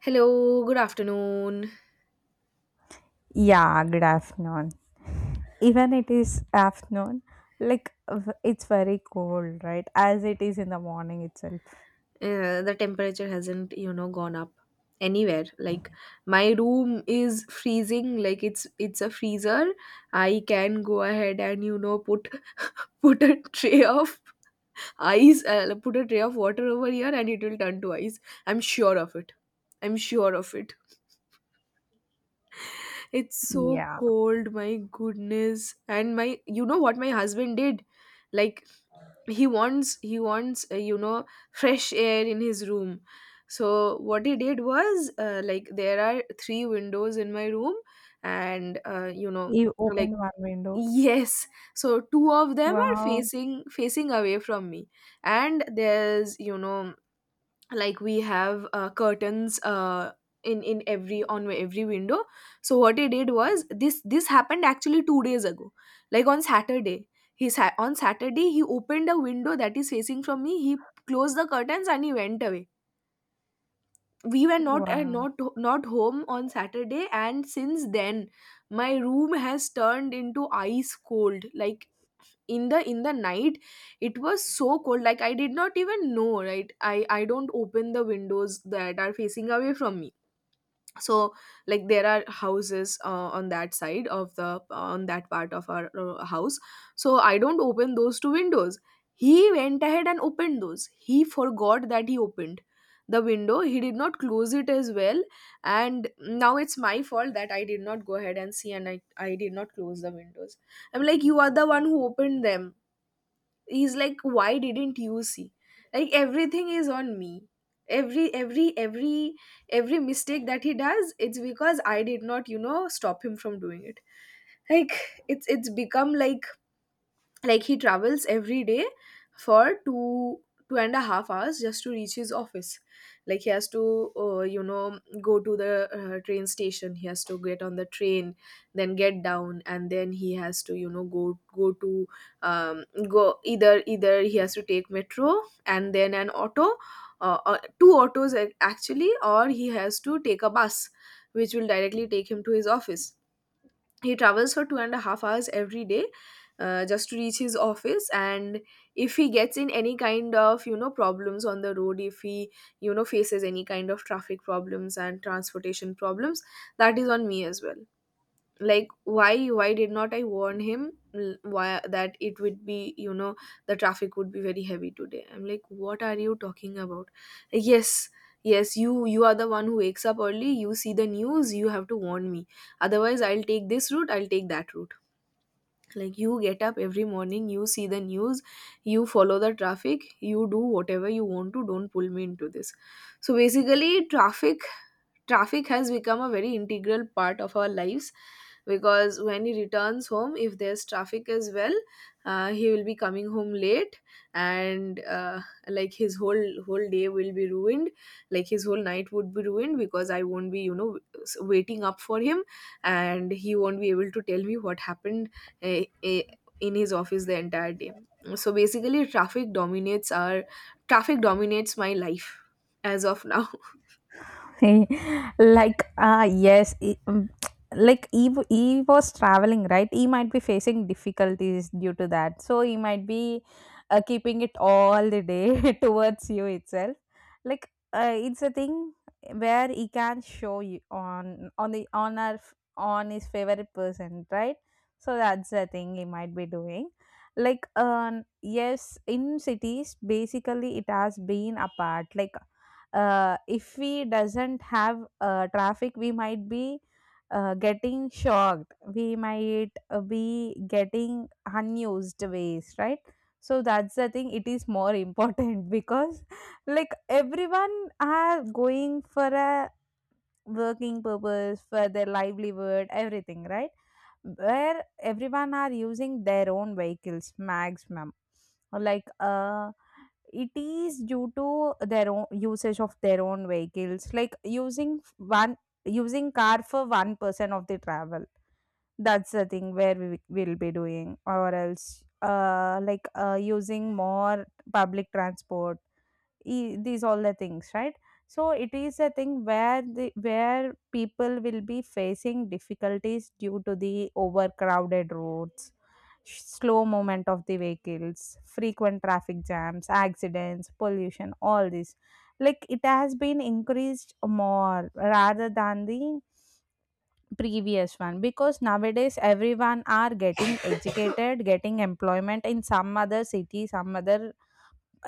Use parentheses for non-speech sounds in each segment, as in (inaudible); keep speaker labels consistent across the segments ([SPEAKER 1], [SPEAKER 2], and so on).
[SPEAKER 1] Hello, good afternoon.
[SPEAKER 2] Yeah, good afternoon. Even it is afternoon, like it's very cold, right? As it is in the morning itself.
[SPEAKER 1] The temperature hasn't, gone up anywhere. Like my room is freezing. Like it's a freezer. I can go ahead and put (laughs) put a tray of ice, put a tray of water over here, and it will turn to ice. I'm sure of it. I'm sure of it. It's so
[SPEAKER 2] Yeah.
[SPEAKER 1] cold, my goodness. And my, you know what my husband did? Like, he wants fresh air in his room. So what he did was, like, there are three windows in my room. And
[SPEAKER 2] You
[SPEAKER 1] like,
[SPEAKER 2] open one window.
[SPEAKER 1] yes, so two of them are
[SPEAKER 2] Wow.
[SPEAKER 1] facing away from me, and there's, like, we have, curtains, in every, on every window. So what he did was, this happened actually 2 days ago, like on Saturday. On Saturday he opened a window that is facing from me. He closed the curtains and he went away. We were not,
[SPEAKER 2] Wow.
[SPEAKER 1] not home on Saturday, and since then my room has turned into ice cold. Like in the, in the night it was so cold, like I did not even know, right? I don't open the windows that are facing away from me. So, like there are houses, on that side of the, on that part of our, house. So I don't open those two windows. He went ahead and opened those. He forgot that he opened the window. He did not close it as well. And now it's my fault that I did not go ahead and see, and I did not close the windows. I'm like, you are the one who opened them. He's like, why didn't you see? Like everything is on me. every every every every mistake that he does, it's because I did not, stop him from doing it. Like it's become like he travels every day for 2.5 hours just to reach his office. Like he has to, uh, you know go to the, train station. He has to get on the train, then get down, and then he has to, go to um, go, either he has to take metro and then an auto, two autos, actually, or he has to take a bus which will directly take him to his office. He travels for 2.5 hours every day, just to reach his office. And if he gets in any kind of, problems on the road, if he, faces any kind of traffic problems and transportation problems, that is on me as well. Like, why did not I warn him, why that it would be, the traffic would be very heavy today. I'm like, what are you talking about? Like, yes, yes, you are the one who wakes up early, you see the news, you have to warn me. Otherwise I'll take this route, I'll take that route. Like, you get up every morning, you see the news, you follow the traffic, you do whatever you want to. Don't pull me into this. So basically traffic has become a very integral part of our lives. Because when he returns home, if there's traffic as well, he will be coming home late. And like his whole day will be ruined. Like his whole night would be ruined, because I won't be, waiting up for him, and he won't be able to tell me what happened uh, uh, in his office the entire day. So basically traffic dominates my life as of (laughs) now.
[SPEAKER 2] (laughs) Like, yes, like he was traveling, right? He might be facing difficulties due to that, so he might be keeping it all the day (laughs) towards you itself. Like it's a thing where he can show you on the on our f- on his favorite person, right? So that's the thing he might be doing. Like, yes, in cities basically it has been apart. Like if we doesn't have traffic, we might be getting shocked. We might be getting unused waste, right? So that's the thing, it is more important (laughs) because, like, everyone are going for a working purpose, for their livelihood, everything, right? Where everyone are using their own vehicles maximum. Like, it is due to their own usage of their own vehicles, like using one, using car for one person of the travel. That's the thing where we will be doing, or else like, using more public transport, these all the things, right? So it is a thing where the where people will be facing difficulties due to the overcrowded roads, slow movement of the vehicles, frequent traffic jams, accidents, pollution, all this. Like it has been increased more rather than the previous one, because nowadays everyone are getting (coughs) educated, getting employment in some other city, some other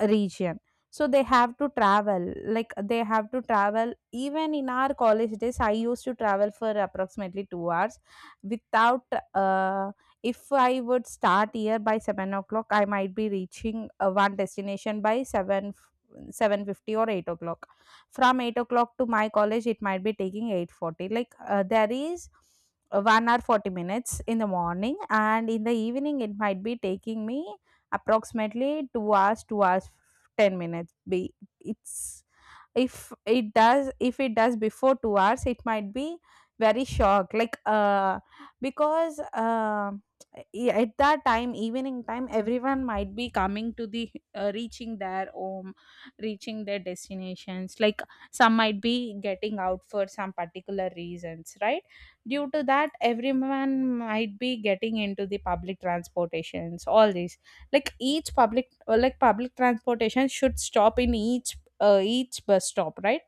[SPEAKER 2] region. So they have to travel. Like, they have to travel. Even in our college days, I used to travel for approximately 2 hours without, uh, if I would start here by 7 o'clock, I might be reaching one destination by 7 7:50 or 8 o'clock. From 8 o'clock to my college, it might be taking 8:40. Like there is 1 hour 40 minutes in the morning, and in the evening it might be taking me approximately 2 hours 10 minutes. Be it's if it does before 2 hours, it might be very shocked. Like because, yeah, at that time, evening time, everyone might be coming to the reaching their home, reaching their destinations. Like some might be getting out for some particular reasons, right? Due to that, everyone might be getting into the public transportations, all these. Like each public like public transportation should stop in each bus stop, right?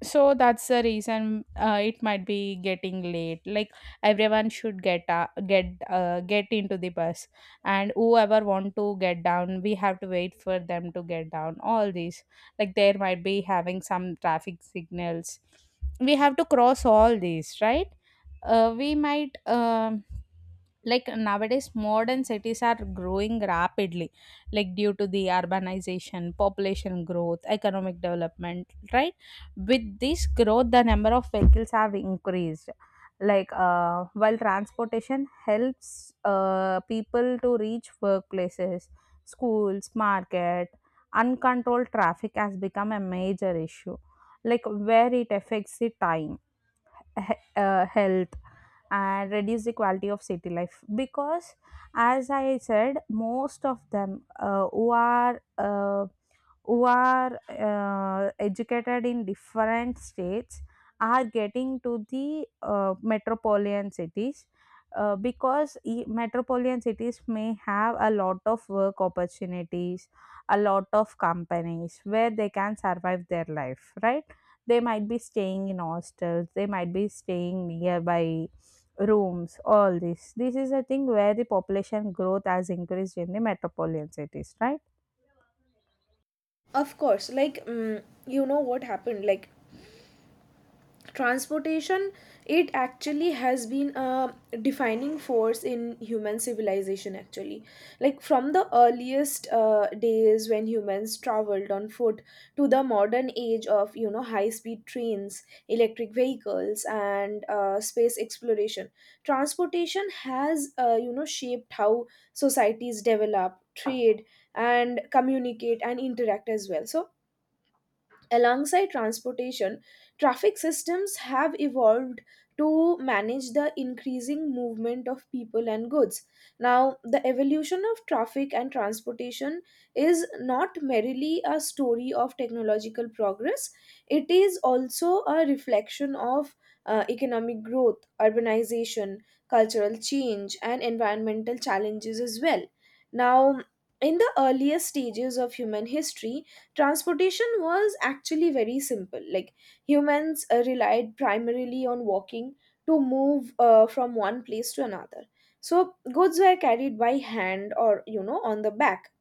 [SPEAKER 2] So that's the reason it might be getting late. Like everyone should get into the bus, and whoever want to get down, we have to wait for them to get down, all these. Like there might be having some traffic signals, we have to cross all these, right? We might. Like nowadays, modern cities are growing rapidly, like due to the urbanization, population growth, economic development, right? With this growth, the number of vehicles have increased. Like while transportation helps people to reach workplaces, schools, market, uncontrolled traffic has become a major issue. Like where it affects the time, health, and reduce the quality of city life. Because, as I said, most of them, who are educated in different states, are getting to the metropolitan cities, because metropolitan cities may have a lot of work opportunities, a lot of companies where they can survive their life, right? They might be staying in hostels, they might be staying nearby rooms, all this. This is a thing where the population growth has increased in the metropolitan cities, right?
[SPEAKER 1] Of course, like, you know what happened, like transportation, it actually has been a defining force in human civilization. Actually, like from the earliest, days when humans traveled on foot to the modern age of, high speed trains, electric vehicles, and, space exploration, transportation has, shaped how societies develop, trade, and communicate and interact as well. So, alongside transportation, traffic systems have evolved to manage the increasing movement of people and goods. Now, the evolution of traffic and transportation is not merely a story of technological progress, it is also a reflection of, economic growth, urbanization, cultural change, and environmental challenges as well. Now, in the earliest stages of human history, transportation was actually very simple. Like humans, relied primarily on walking to move, from one place to another. So goods were carried by hand or, on the back.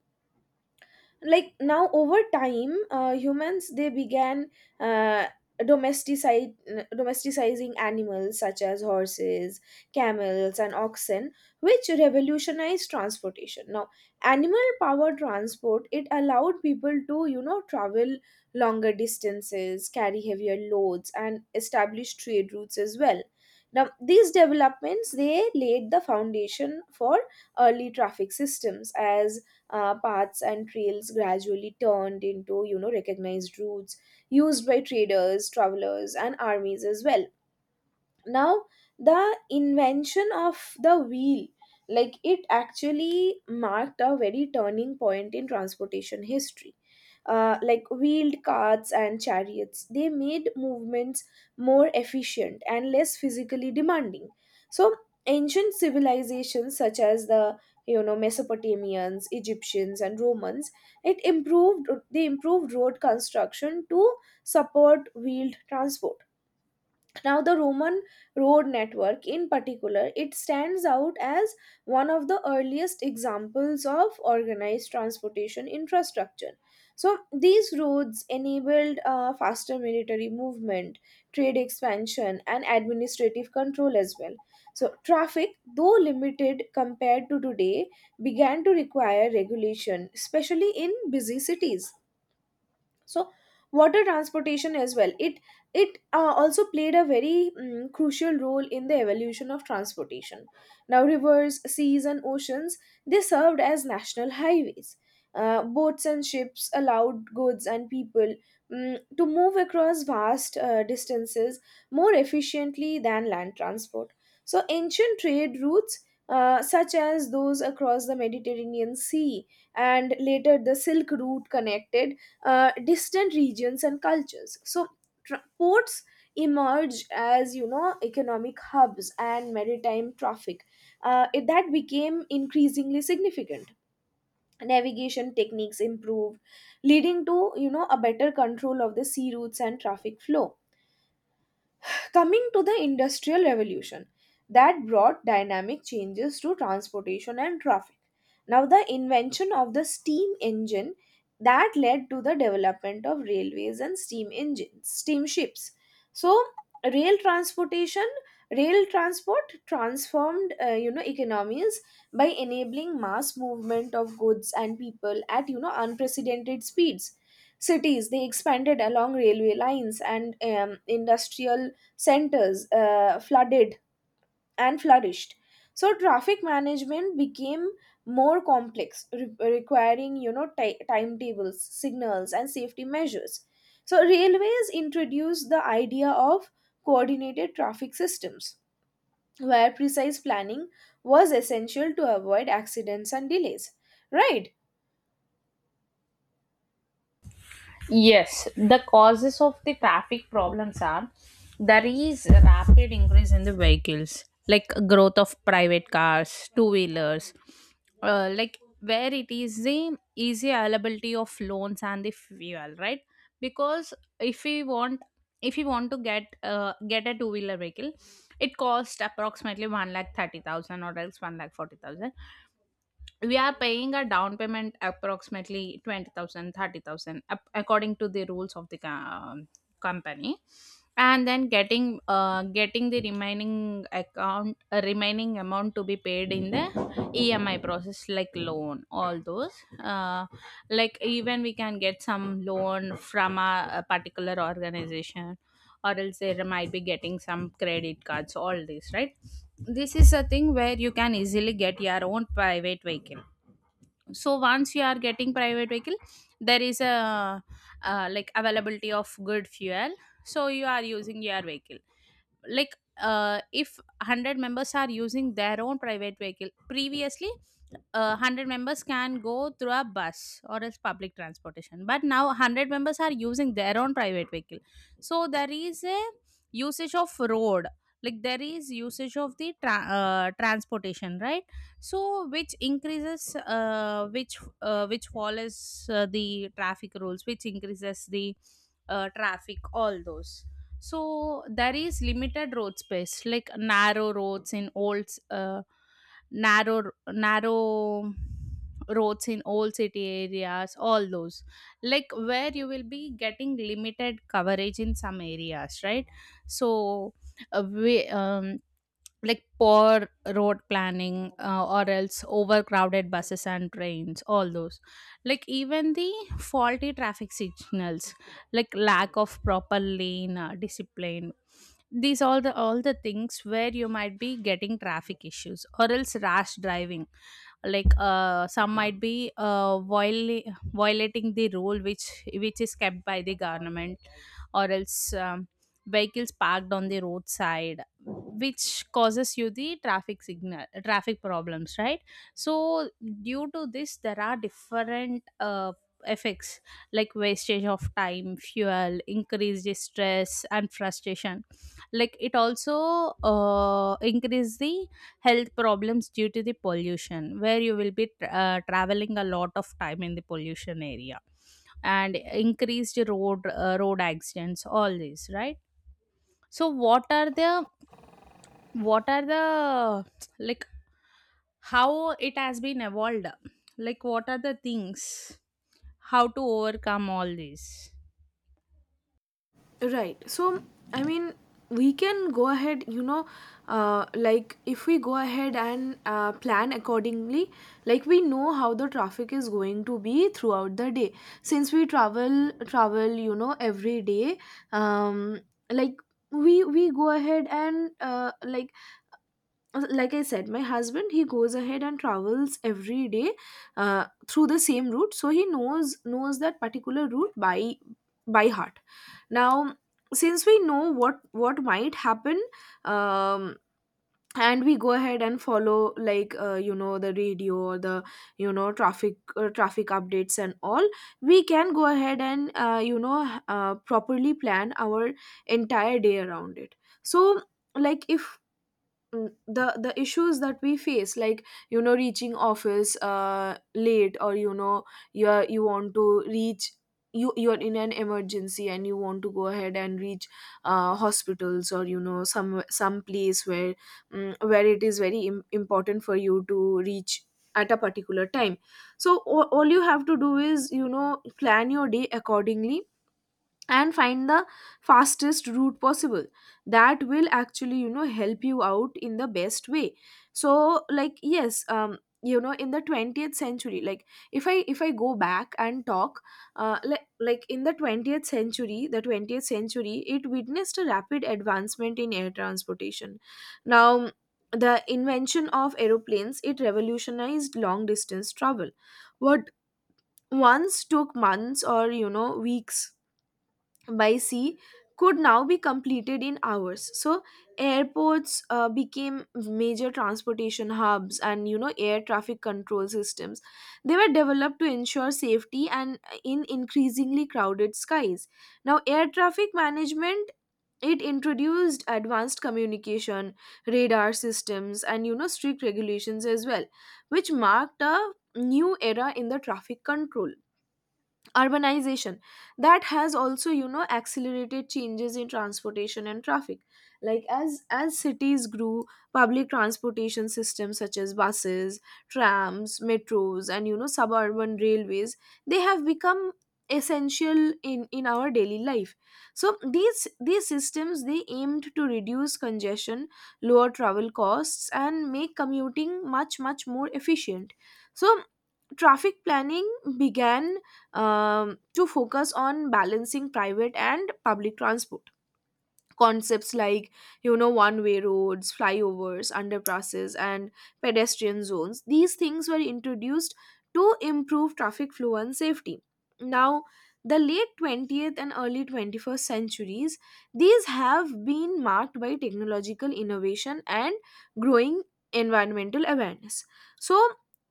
[SPEAKER 1] Like now, over time, humans, they began, uh, domesticide, domesticizing animals such as horses, camels and oxen, which revolutionized transportation. Now, animal power transport, it allowed people to, travel longer distances, carry heavier loads, and establish trade routes as well. Now, these developments, they laid the foundation for early traffic systems, as, paths and trails gradually turned into, recognized routes used by traders, travelers and armies as well. Now, the invention of the wheel, like it actually marked a very turning point in transportation history. Like wheeled carts and chariots. They made movements more efficient and less physically demanding. So, ancient civilizations such as the, Mesopotamians, Egyptians and Romans, it improved they improved road construction to support wheeled transport. Now, the Roman road network in particular, it stands out as one of the earliest examples of organized transportation infrastructure. So, these roads enabled, faster military movement, trade expansion, and administrative control as well. So, traffic, though limited compared to today, began to require regulation, especially in busy cities. So water transportation as well, it, also played a very, crucial role in the evolution of transportation. Now, rivers, seas and oceans, they served as national highways. Boats and ships allowed goods and people, to move across vast, distances more efficiently than land transport. So ancient trade routes, such as those across the Mediterranean Sea and later the Silk Route, connected, distant regions and cultures. So, ports emerge as, economic hubs, and maritime traffic, that became increasingly significant. Navigation techniques improved, leading to, a better control of the sea routes and traffic flow. Coming to the Industrial Revolution, that brought dynamic changes to transportation and traffic. Now, the invention of the steam engine, that led to the development of railways and steam engines, steamships. So, rail transportation, rail transport transformed, economies by enabling mass movement of goods and people at, unprecedented speeds. Cities, they expanded along railway lines, and industrial centers, flooded and flourished. So traffic management became more complex, requiring, timetables, signals and safety measures. So railways introduced the idea of coordinated traffic systems, where precise planning was essential to avoid accidents and delays, right?
[SPEAKER 2] Yes, the causes of the traffic problems are, there is a rapid increase in the vehicles, like growth of private cars, two wheelers, like where it is the easy availability of loans and the fuel, right? Because if we want to get a two wheeler vehicle, it costs approximately one lakh 30,000 or else one lakh 40,000. We are paying a down payment approximately 20,000, 30,000, according to the rules of the company, and then getting the remaining amount to be paid in the EMI process, like loan, all those. uh, like even we can get some loan from a particular organization, or else they might be getting some credit cards, all this, right? This is a thing where you can easily get your own private vehicle. So once you are getting private vehicle, there is a, like availability of good fuel, so you are using your vehicle. Like if 100 members are using their own private vehicle, previously 100 members can go through a bus or else public transportation, but now 100 members are using their own private vehicle. So there is a usage of road, like there is usage of the transportation, right? So which increases which follows the traffic rules, which increases the, traffic, all those. So there is limited road space, like narrow roads in old city areas, all those, like where you will be getting limited coverage in some areas, right? So, uh, we, um, like poor road planning, or else overcrowded buses and trains, all those, like even the faulty traffic signals, like lack of proper lane discipline. These all the things where you might be getting traffic issues, or else rash driving, like some might be violating the rule which is kept by the government, or else vehicles parked on the roadside, which causes you the traffic signal traffic problems, right? So due to this, there are different effects, like wastage of time, fuel, increased stress and frustration. Like it also increase the health problems due to the pollution, where you will be traveling a lot of time in the pollution area, and increased road accidents, all this, right? So what are the, like, how it has been evolved? Like what are the things, how to overcome all these?
[SPEAKER 1] Right. So, I mean, we can go ahead, like, if we go ahead and, plan accordingly, like we know how the traffic is going to be throughout the day. Since we every day, um, like we go ahead and, like I said, my husband, he goes ahead and travels every day, through the same route, so he knows that particular route by heart. Now, since we know what might happen, um and we go ahead and follow like, the radio or the, traffic updates and all, we can go ahead and, properly plan our entire day around it. So, like, if, mm, the issues that we face, like, reaching office late, or, you want to reach, you're in an emergency and you want to go ahead and reach, hospitals, or, some place where, where it is very important for you to reach at a particular time. So all you have to do is, plan your day accordingly and find the fastest route possible, that will actually, help you out in the best way. So like, yes, in the 20th century, like, if I go back and talk, in the 20th century, the 20th century, it witnessed a rapid advancement in air transportation. Now, the invention of aeroplanes, it revolutionized long distance travel. What once took months or, weeks by sea, could now be completed in hours. So airports, became major transportation hubs, and, air traffic control systems, they were developed to ensure safety and in increasingly crowded skies. Now, air traffic management, it introduced advanced communication, radar systems and, strict regulations as well, which marked a new era in the traffic control. Urbanization, that has also accelerated changes in transportation and traffic. Like as cities grew, public transportation systems such as buses, trams, metros, and suburban railways, they have become essential in our daily life. So these systems, they aimed to reduce congestion, lower travel costs, and make commuting much more efficient. So traffic planning began, to focus on balancing private and public transport. Concepts like one way roads, flyovers, underpasses, and pedestrian zones, these things were introduced to improve traffic flow and safety. Now the late 20th and early 21st centuries, these have been marked by technological innovation and growing environmental awareness. So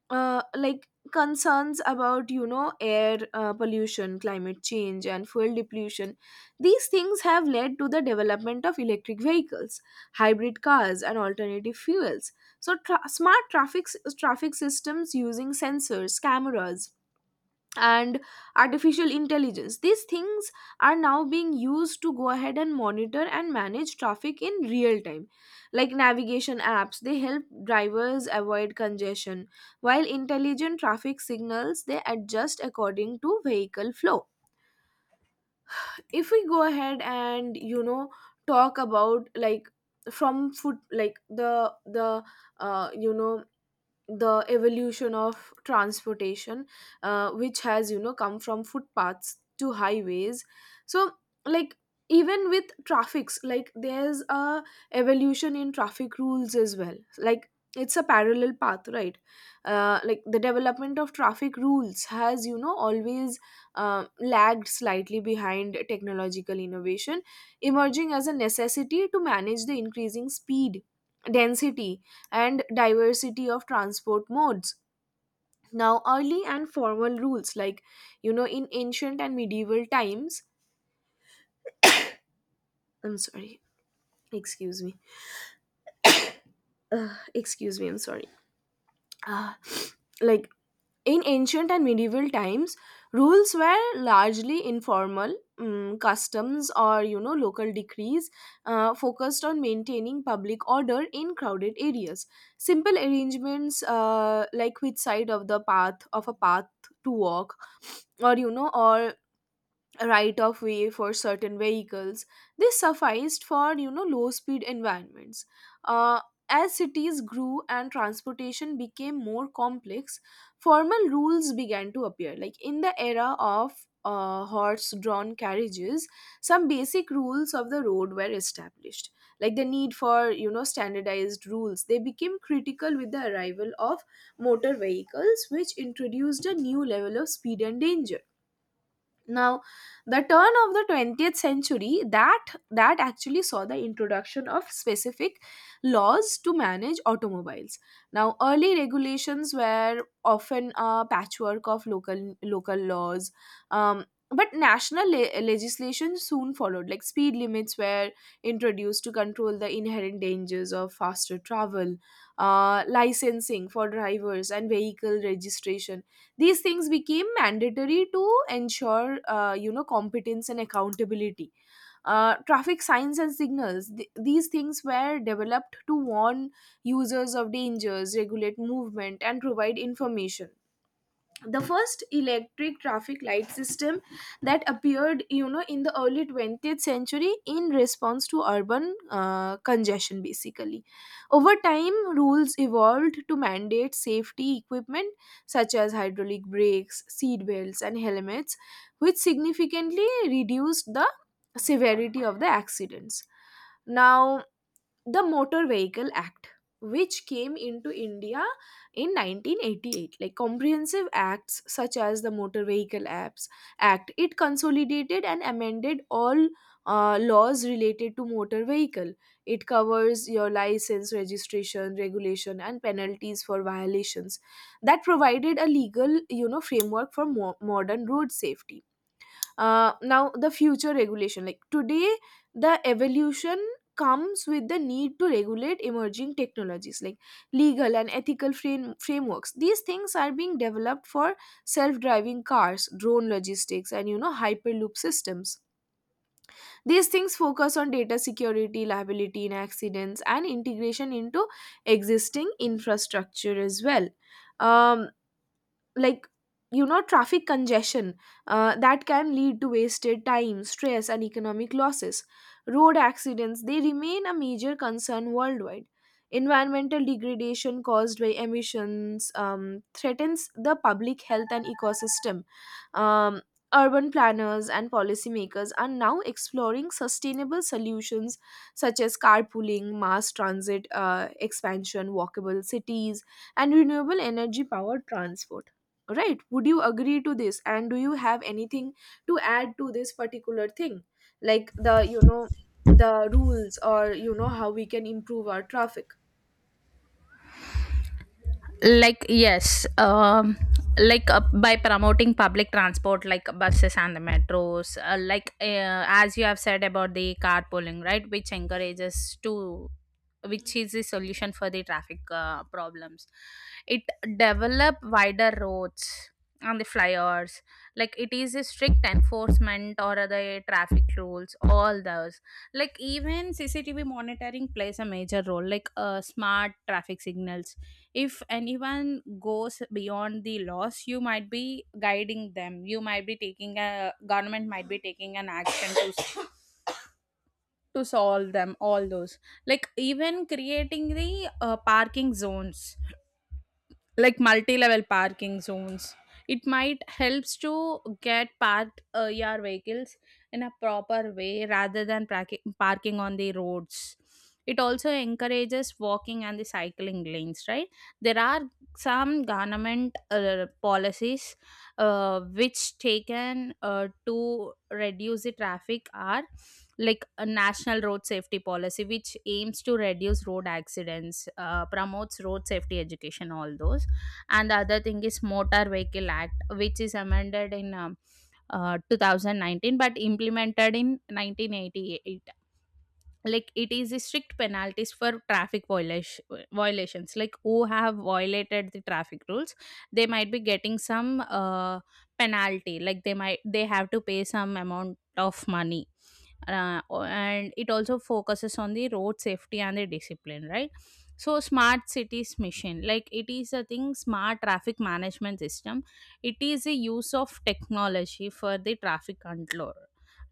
[SPEAKER 1] like concerns about air pollution, climate change, and fuel depletion, these things have led to the development of electric vehicles, hybrid cars, and alternative fuels. So, smart traffic, traffic systems using sensors, cameras, and artificial intelligence. These things are now being used to go ahead and monitor and manage traffic in real time. Like navigation apps, they help drivers avoid congestion, while intelligent traffic signals, they adjust according to vehicle flow. If we go ahead and talk about, like, from food, like the uh, you know the evolution of transportation, which has come from footpaths to highways. So, like, even with traffics, like there's a evolution in traffic rules as well. Like it's a parallel path, right? Like the development of traffic rules has, always lagged slightly behind technological innovation, emerging as a necessity to manage the increasing speed, density, and diversity of transport modes. Now, early and formal rules, like, in ancient and medieval times, I'm sorry, excuse me. Ugh, excuse me, I'm sorry. Ah, like, in ancient and medieval times, rules were largely informal. Customs or local decrees focused on maintaining public order in crowded areas. Simple arrangements, like which side of the path of a path to walk, or, or right of way for certain vehicles, this sufficed for low speed environments. uh, as cities grew and transportation became more complex, formal rules began to appear, like in the era of horse drawn carriages. Some basic rules of the road were established, like the need for standardized rules. They became critical with the arrival of motor vehicles, which introduced a new level of speed and danger. Now, the turn of the 20th century, that actually saw the introduction of specific laws to manage automobiles. Now, early regulations were often a patchwork of local laws. But national legislation soon followed. Like speed limits were introduced to control the inherent dangers of faster travel. Licensing for drivers and vehicle registration, these things became mandatory to ensure, competence and accountability. Traffic signs and signals, these things were developed to warn users of dangers, regulate movement, and provide information. The first electric traffic light system, that appeared in the early 20th century in response to urban congestion, basically. Over time, rules evolved to mandate safety equipment such as hydraulic brakes, seat belts, and helmets, which significantly reduced the severity of the accidents. Now, the Motor Vehicle Act, which came into India in 1988. Like comprehensive acts such as the Motor Vehicle Apps Act, it consolidated and amended all laws related to motor vehicle. It covers your license, registration, regulation, and penalties for violations. That provided a legal framework for modern road safety. Now the future regulation, like today, the evolution comes with the need to regulate emerging technologies. Like legal and ethical frameworks, these things are being developed for self-driving cars, drone logistics, and hyperloop systems. These things focus on data security, liability in accidents, and integration into existing infrastructure as well. Um, like, traffic congestion, that can lead to wasted time, stress, and economic losses. Road accidents, they remain a major concern worldwide. Environmental degradation caused by emissions, threatens the public health and ecosystem. um, Urban planners and policymakers are now exploring sustainable solutions such as carpooling, mass transit, expansion, walkable cities, and renewable energy powered transport. Right, would you agree to this, and do you have anything to add to this particular thing, like the, the rules, or how we can improve our traffic?
[SPEAKER 2] Like, yes, like by promoting public transport like buses and the metros, as you have said about the carpooling, right, which encourages to which is the solution for the traffic problems. It develop wider roads and the flyovers, like it is a strict enforcement or the traffic rules, all those. Like even CCTV monitoring plays a major role, like smart traffic signals. If anyone goes beyond the laws, you might be guiding them, you might be taking a government might be taking an action to solve them, all those. Like even creating the parking zones, like multi-level parking zones, it might helps to get parked your vehicles in a proper way rather than parking on the roads. It also encourages walking and the cycling lanes, right? There are some government policies, which taken to reduce the traffic, are like a national road safety policy which aims to reduce road accidents, promotes road safety education, all those. And the other thing is motor vehicle act, which is amended in 2019 but implemented in 1988. Like it is a strict penalties for traffic violations, like who have violated the traffic rules, they might be getting some penalty, like they have to pay some amount of money. And it also focuses on the road safety and the discipline, right? So smart cities mission, like it is a thing, smart traffic management system, it is a use of technology for the traffic control.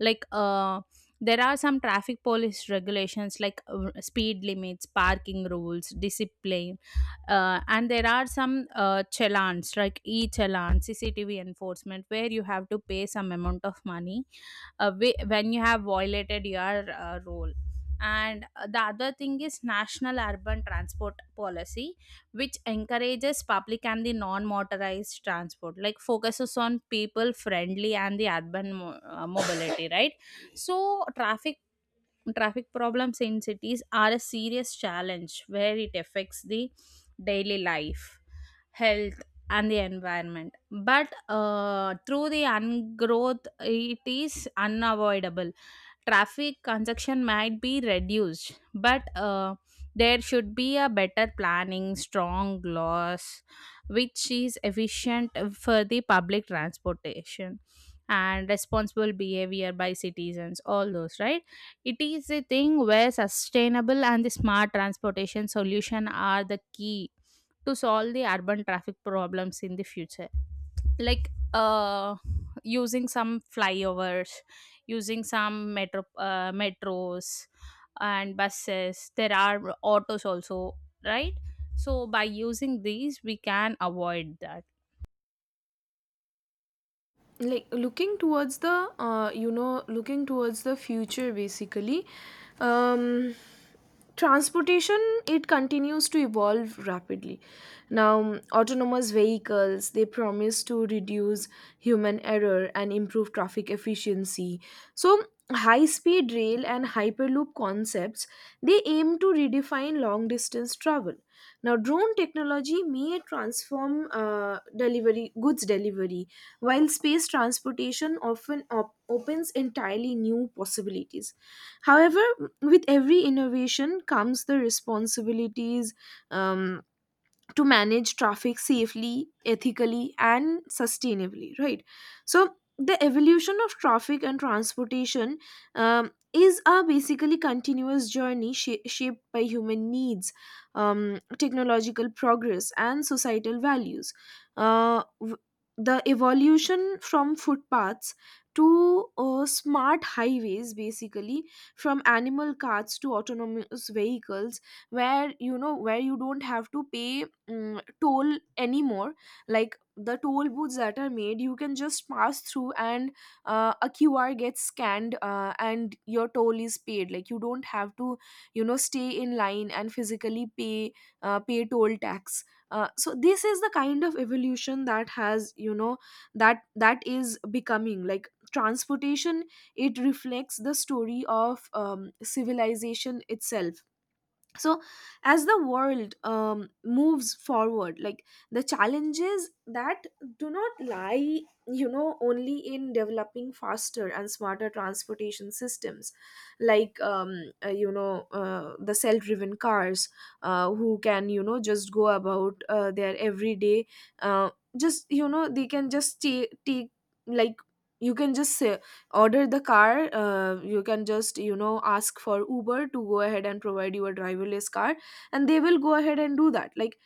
[SPEAKER 2] Like there are some traffic police regulations like speed limits, parking rules, discipline, and there are some challans like e-challan, CCTV enforcement, where you have to pay some amount of money, when you have violated your role. And the other thing is National Urban Transport Policy, which encourages public and the non-motorized transport, like focuses on people-friendly and the urban mobility, right? So traffic problems in cities are a serious challenge, where it affects the daily life, health, and the environment. But through the ungrowth, it is unavoidable. Traffic congestion might be reduced, but there should be a better planning, strong laws, which is efficient for the public transportation and responsible behavior by citizens, all those, right? It is a thing where sustainable and the smart transportation solution are the key to solve the urban traffic problems in the future, like using some flyovers, using some metros and buses, there are autos also, right? So by using these, we can avoid that.
[SPEAKER 1] Like looking towards the, looking towards the future, basically. um Transportation, it continues to evolve rapidly. Now, autonomous vehicles, they promise to reduce human error and improve traffic efficiency. So high speed rail and hyperloop concepts, they aim to redefine long distance travel. Now drone technology may transform delivery goods delivery, while space transportation often opens entirely new possibilities. However, with every innovation comes the responsibilities. Um, to manage traffic safely, ethically, and sustainably, right. So the evolution of traffic and transportation, is a basically continuous journey, shaped by human needs, technological progress, and societal values. uh, w- the evolution from footpaths to, smart highways, basically, from animal carts to autonomous vehicles, where, where you don't have to pay, toll anymore. Like the toll booths that are made, you can just pass through, and a QR gets scanned, and your toll is paid. Like you don't have to, stay in line and physically pay, toll tax. So this is the kind of evolution that has, that is becoming. Like transportation, it reflects the story of, civilization itself. So as the world, moves forward, like the challenges that do not lie, only in developing faster and smarter transportation systems. Like the self-driven cars, who can, just go about, their everyday, uh, just you know they can just take, like, you can just order the car. You can just, ask for Uber to go ahead and provide you a driverless car, and they will go ahead and do that. Like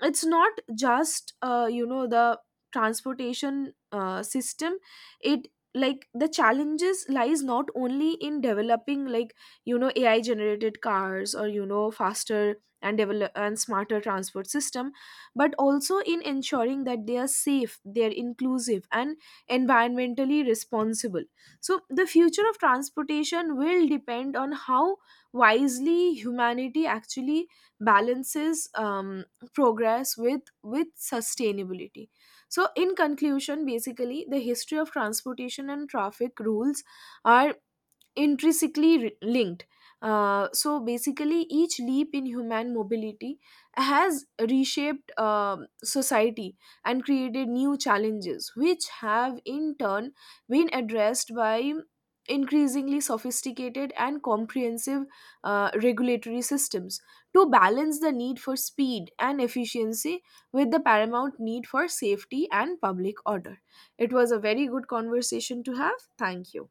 [SPEAKER 1] it's not just, the transportation system. It, like, the challenges lies not only in developing, like, AI generated cars, or faster and develop and smarter transport system, but also in ensuring that they are safe, they are inclusive, and environmentally responsible. So, the future of transportation will depend on how wisely humanity actually balances, progress with sustainability. So, in conclusion, basically, the history of transportation and traffic rules are intrinsically linked. So basically, each leap in human mobility has reshaped, society, and created new challenges, which have in turn been addressed by increasingly sophisticated and comprehensive regulatory systems, to balance the need for speed and efficiency with the paramount need for safety and public order. It was a very good conversation to have. Thank you.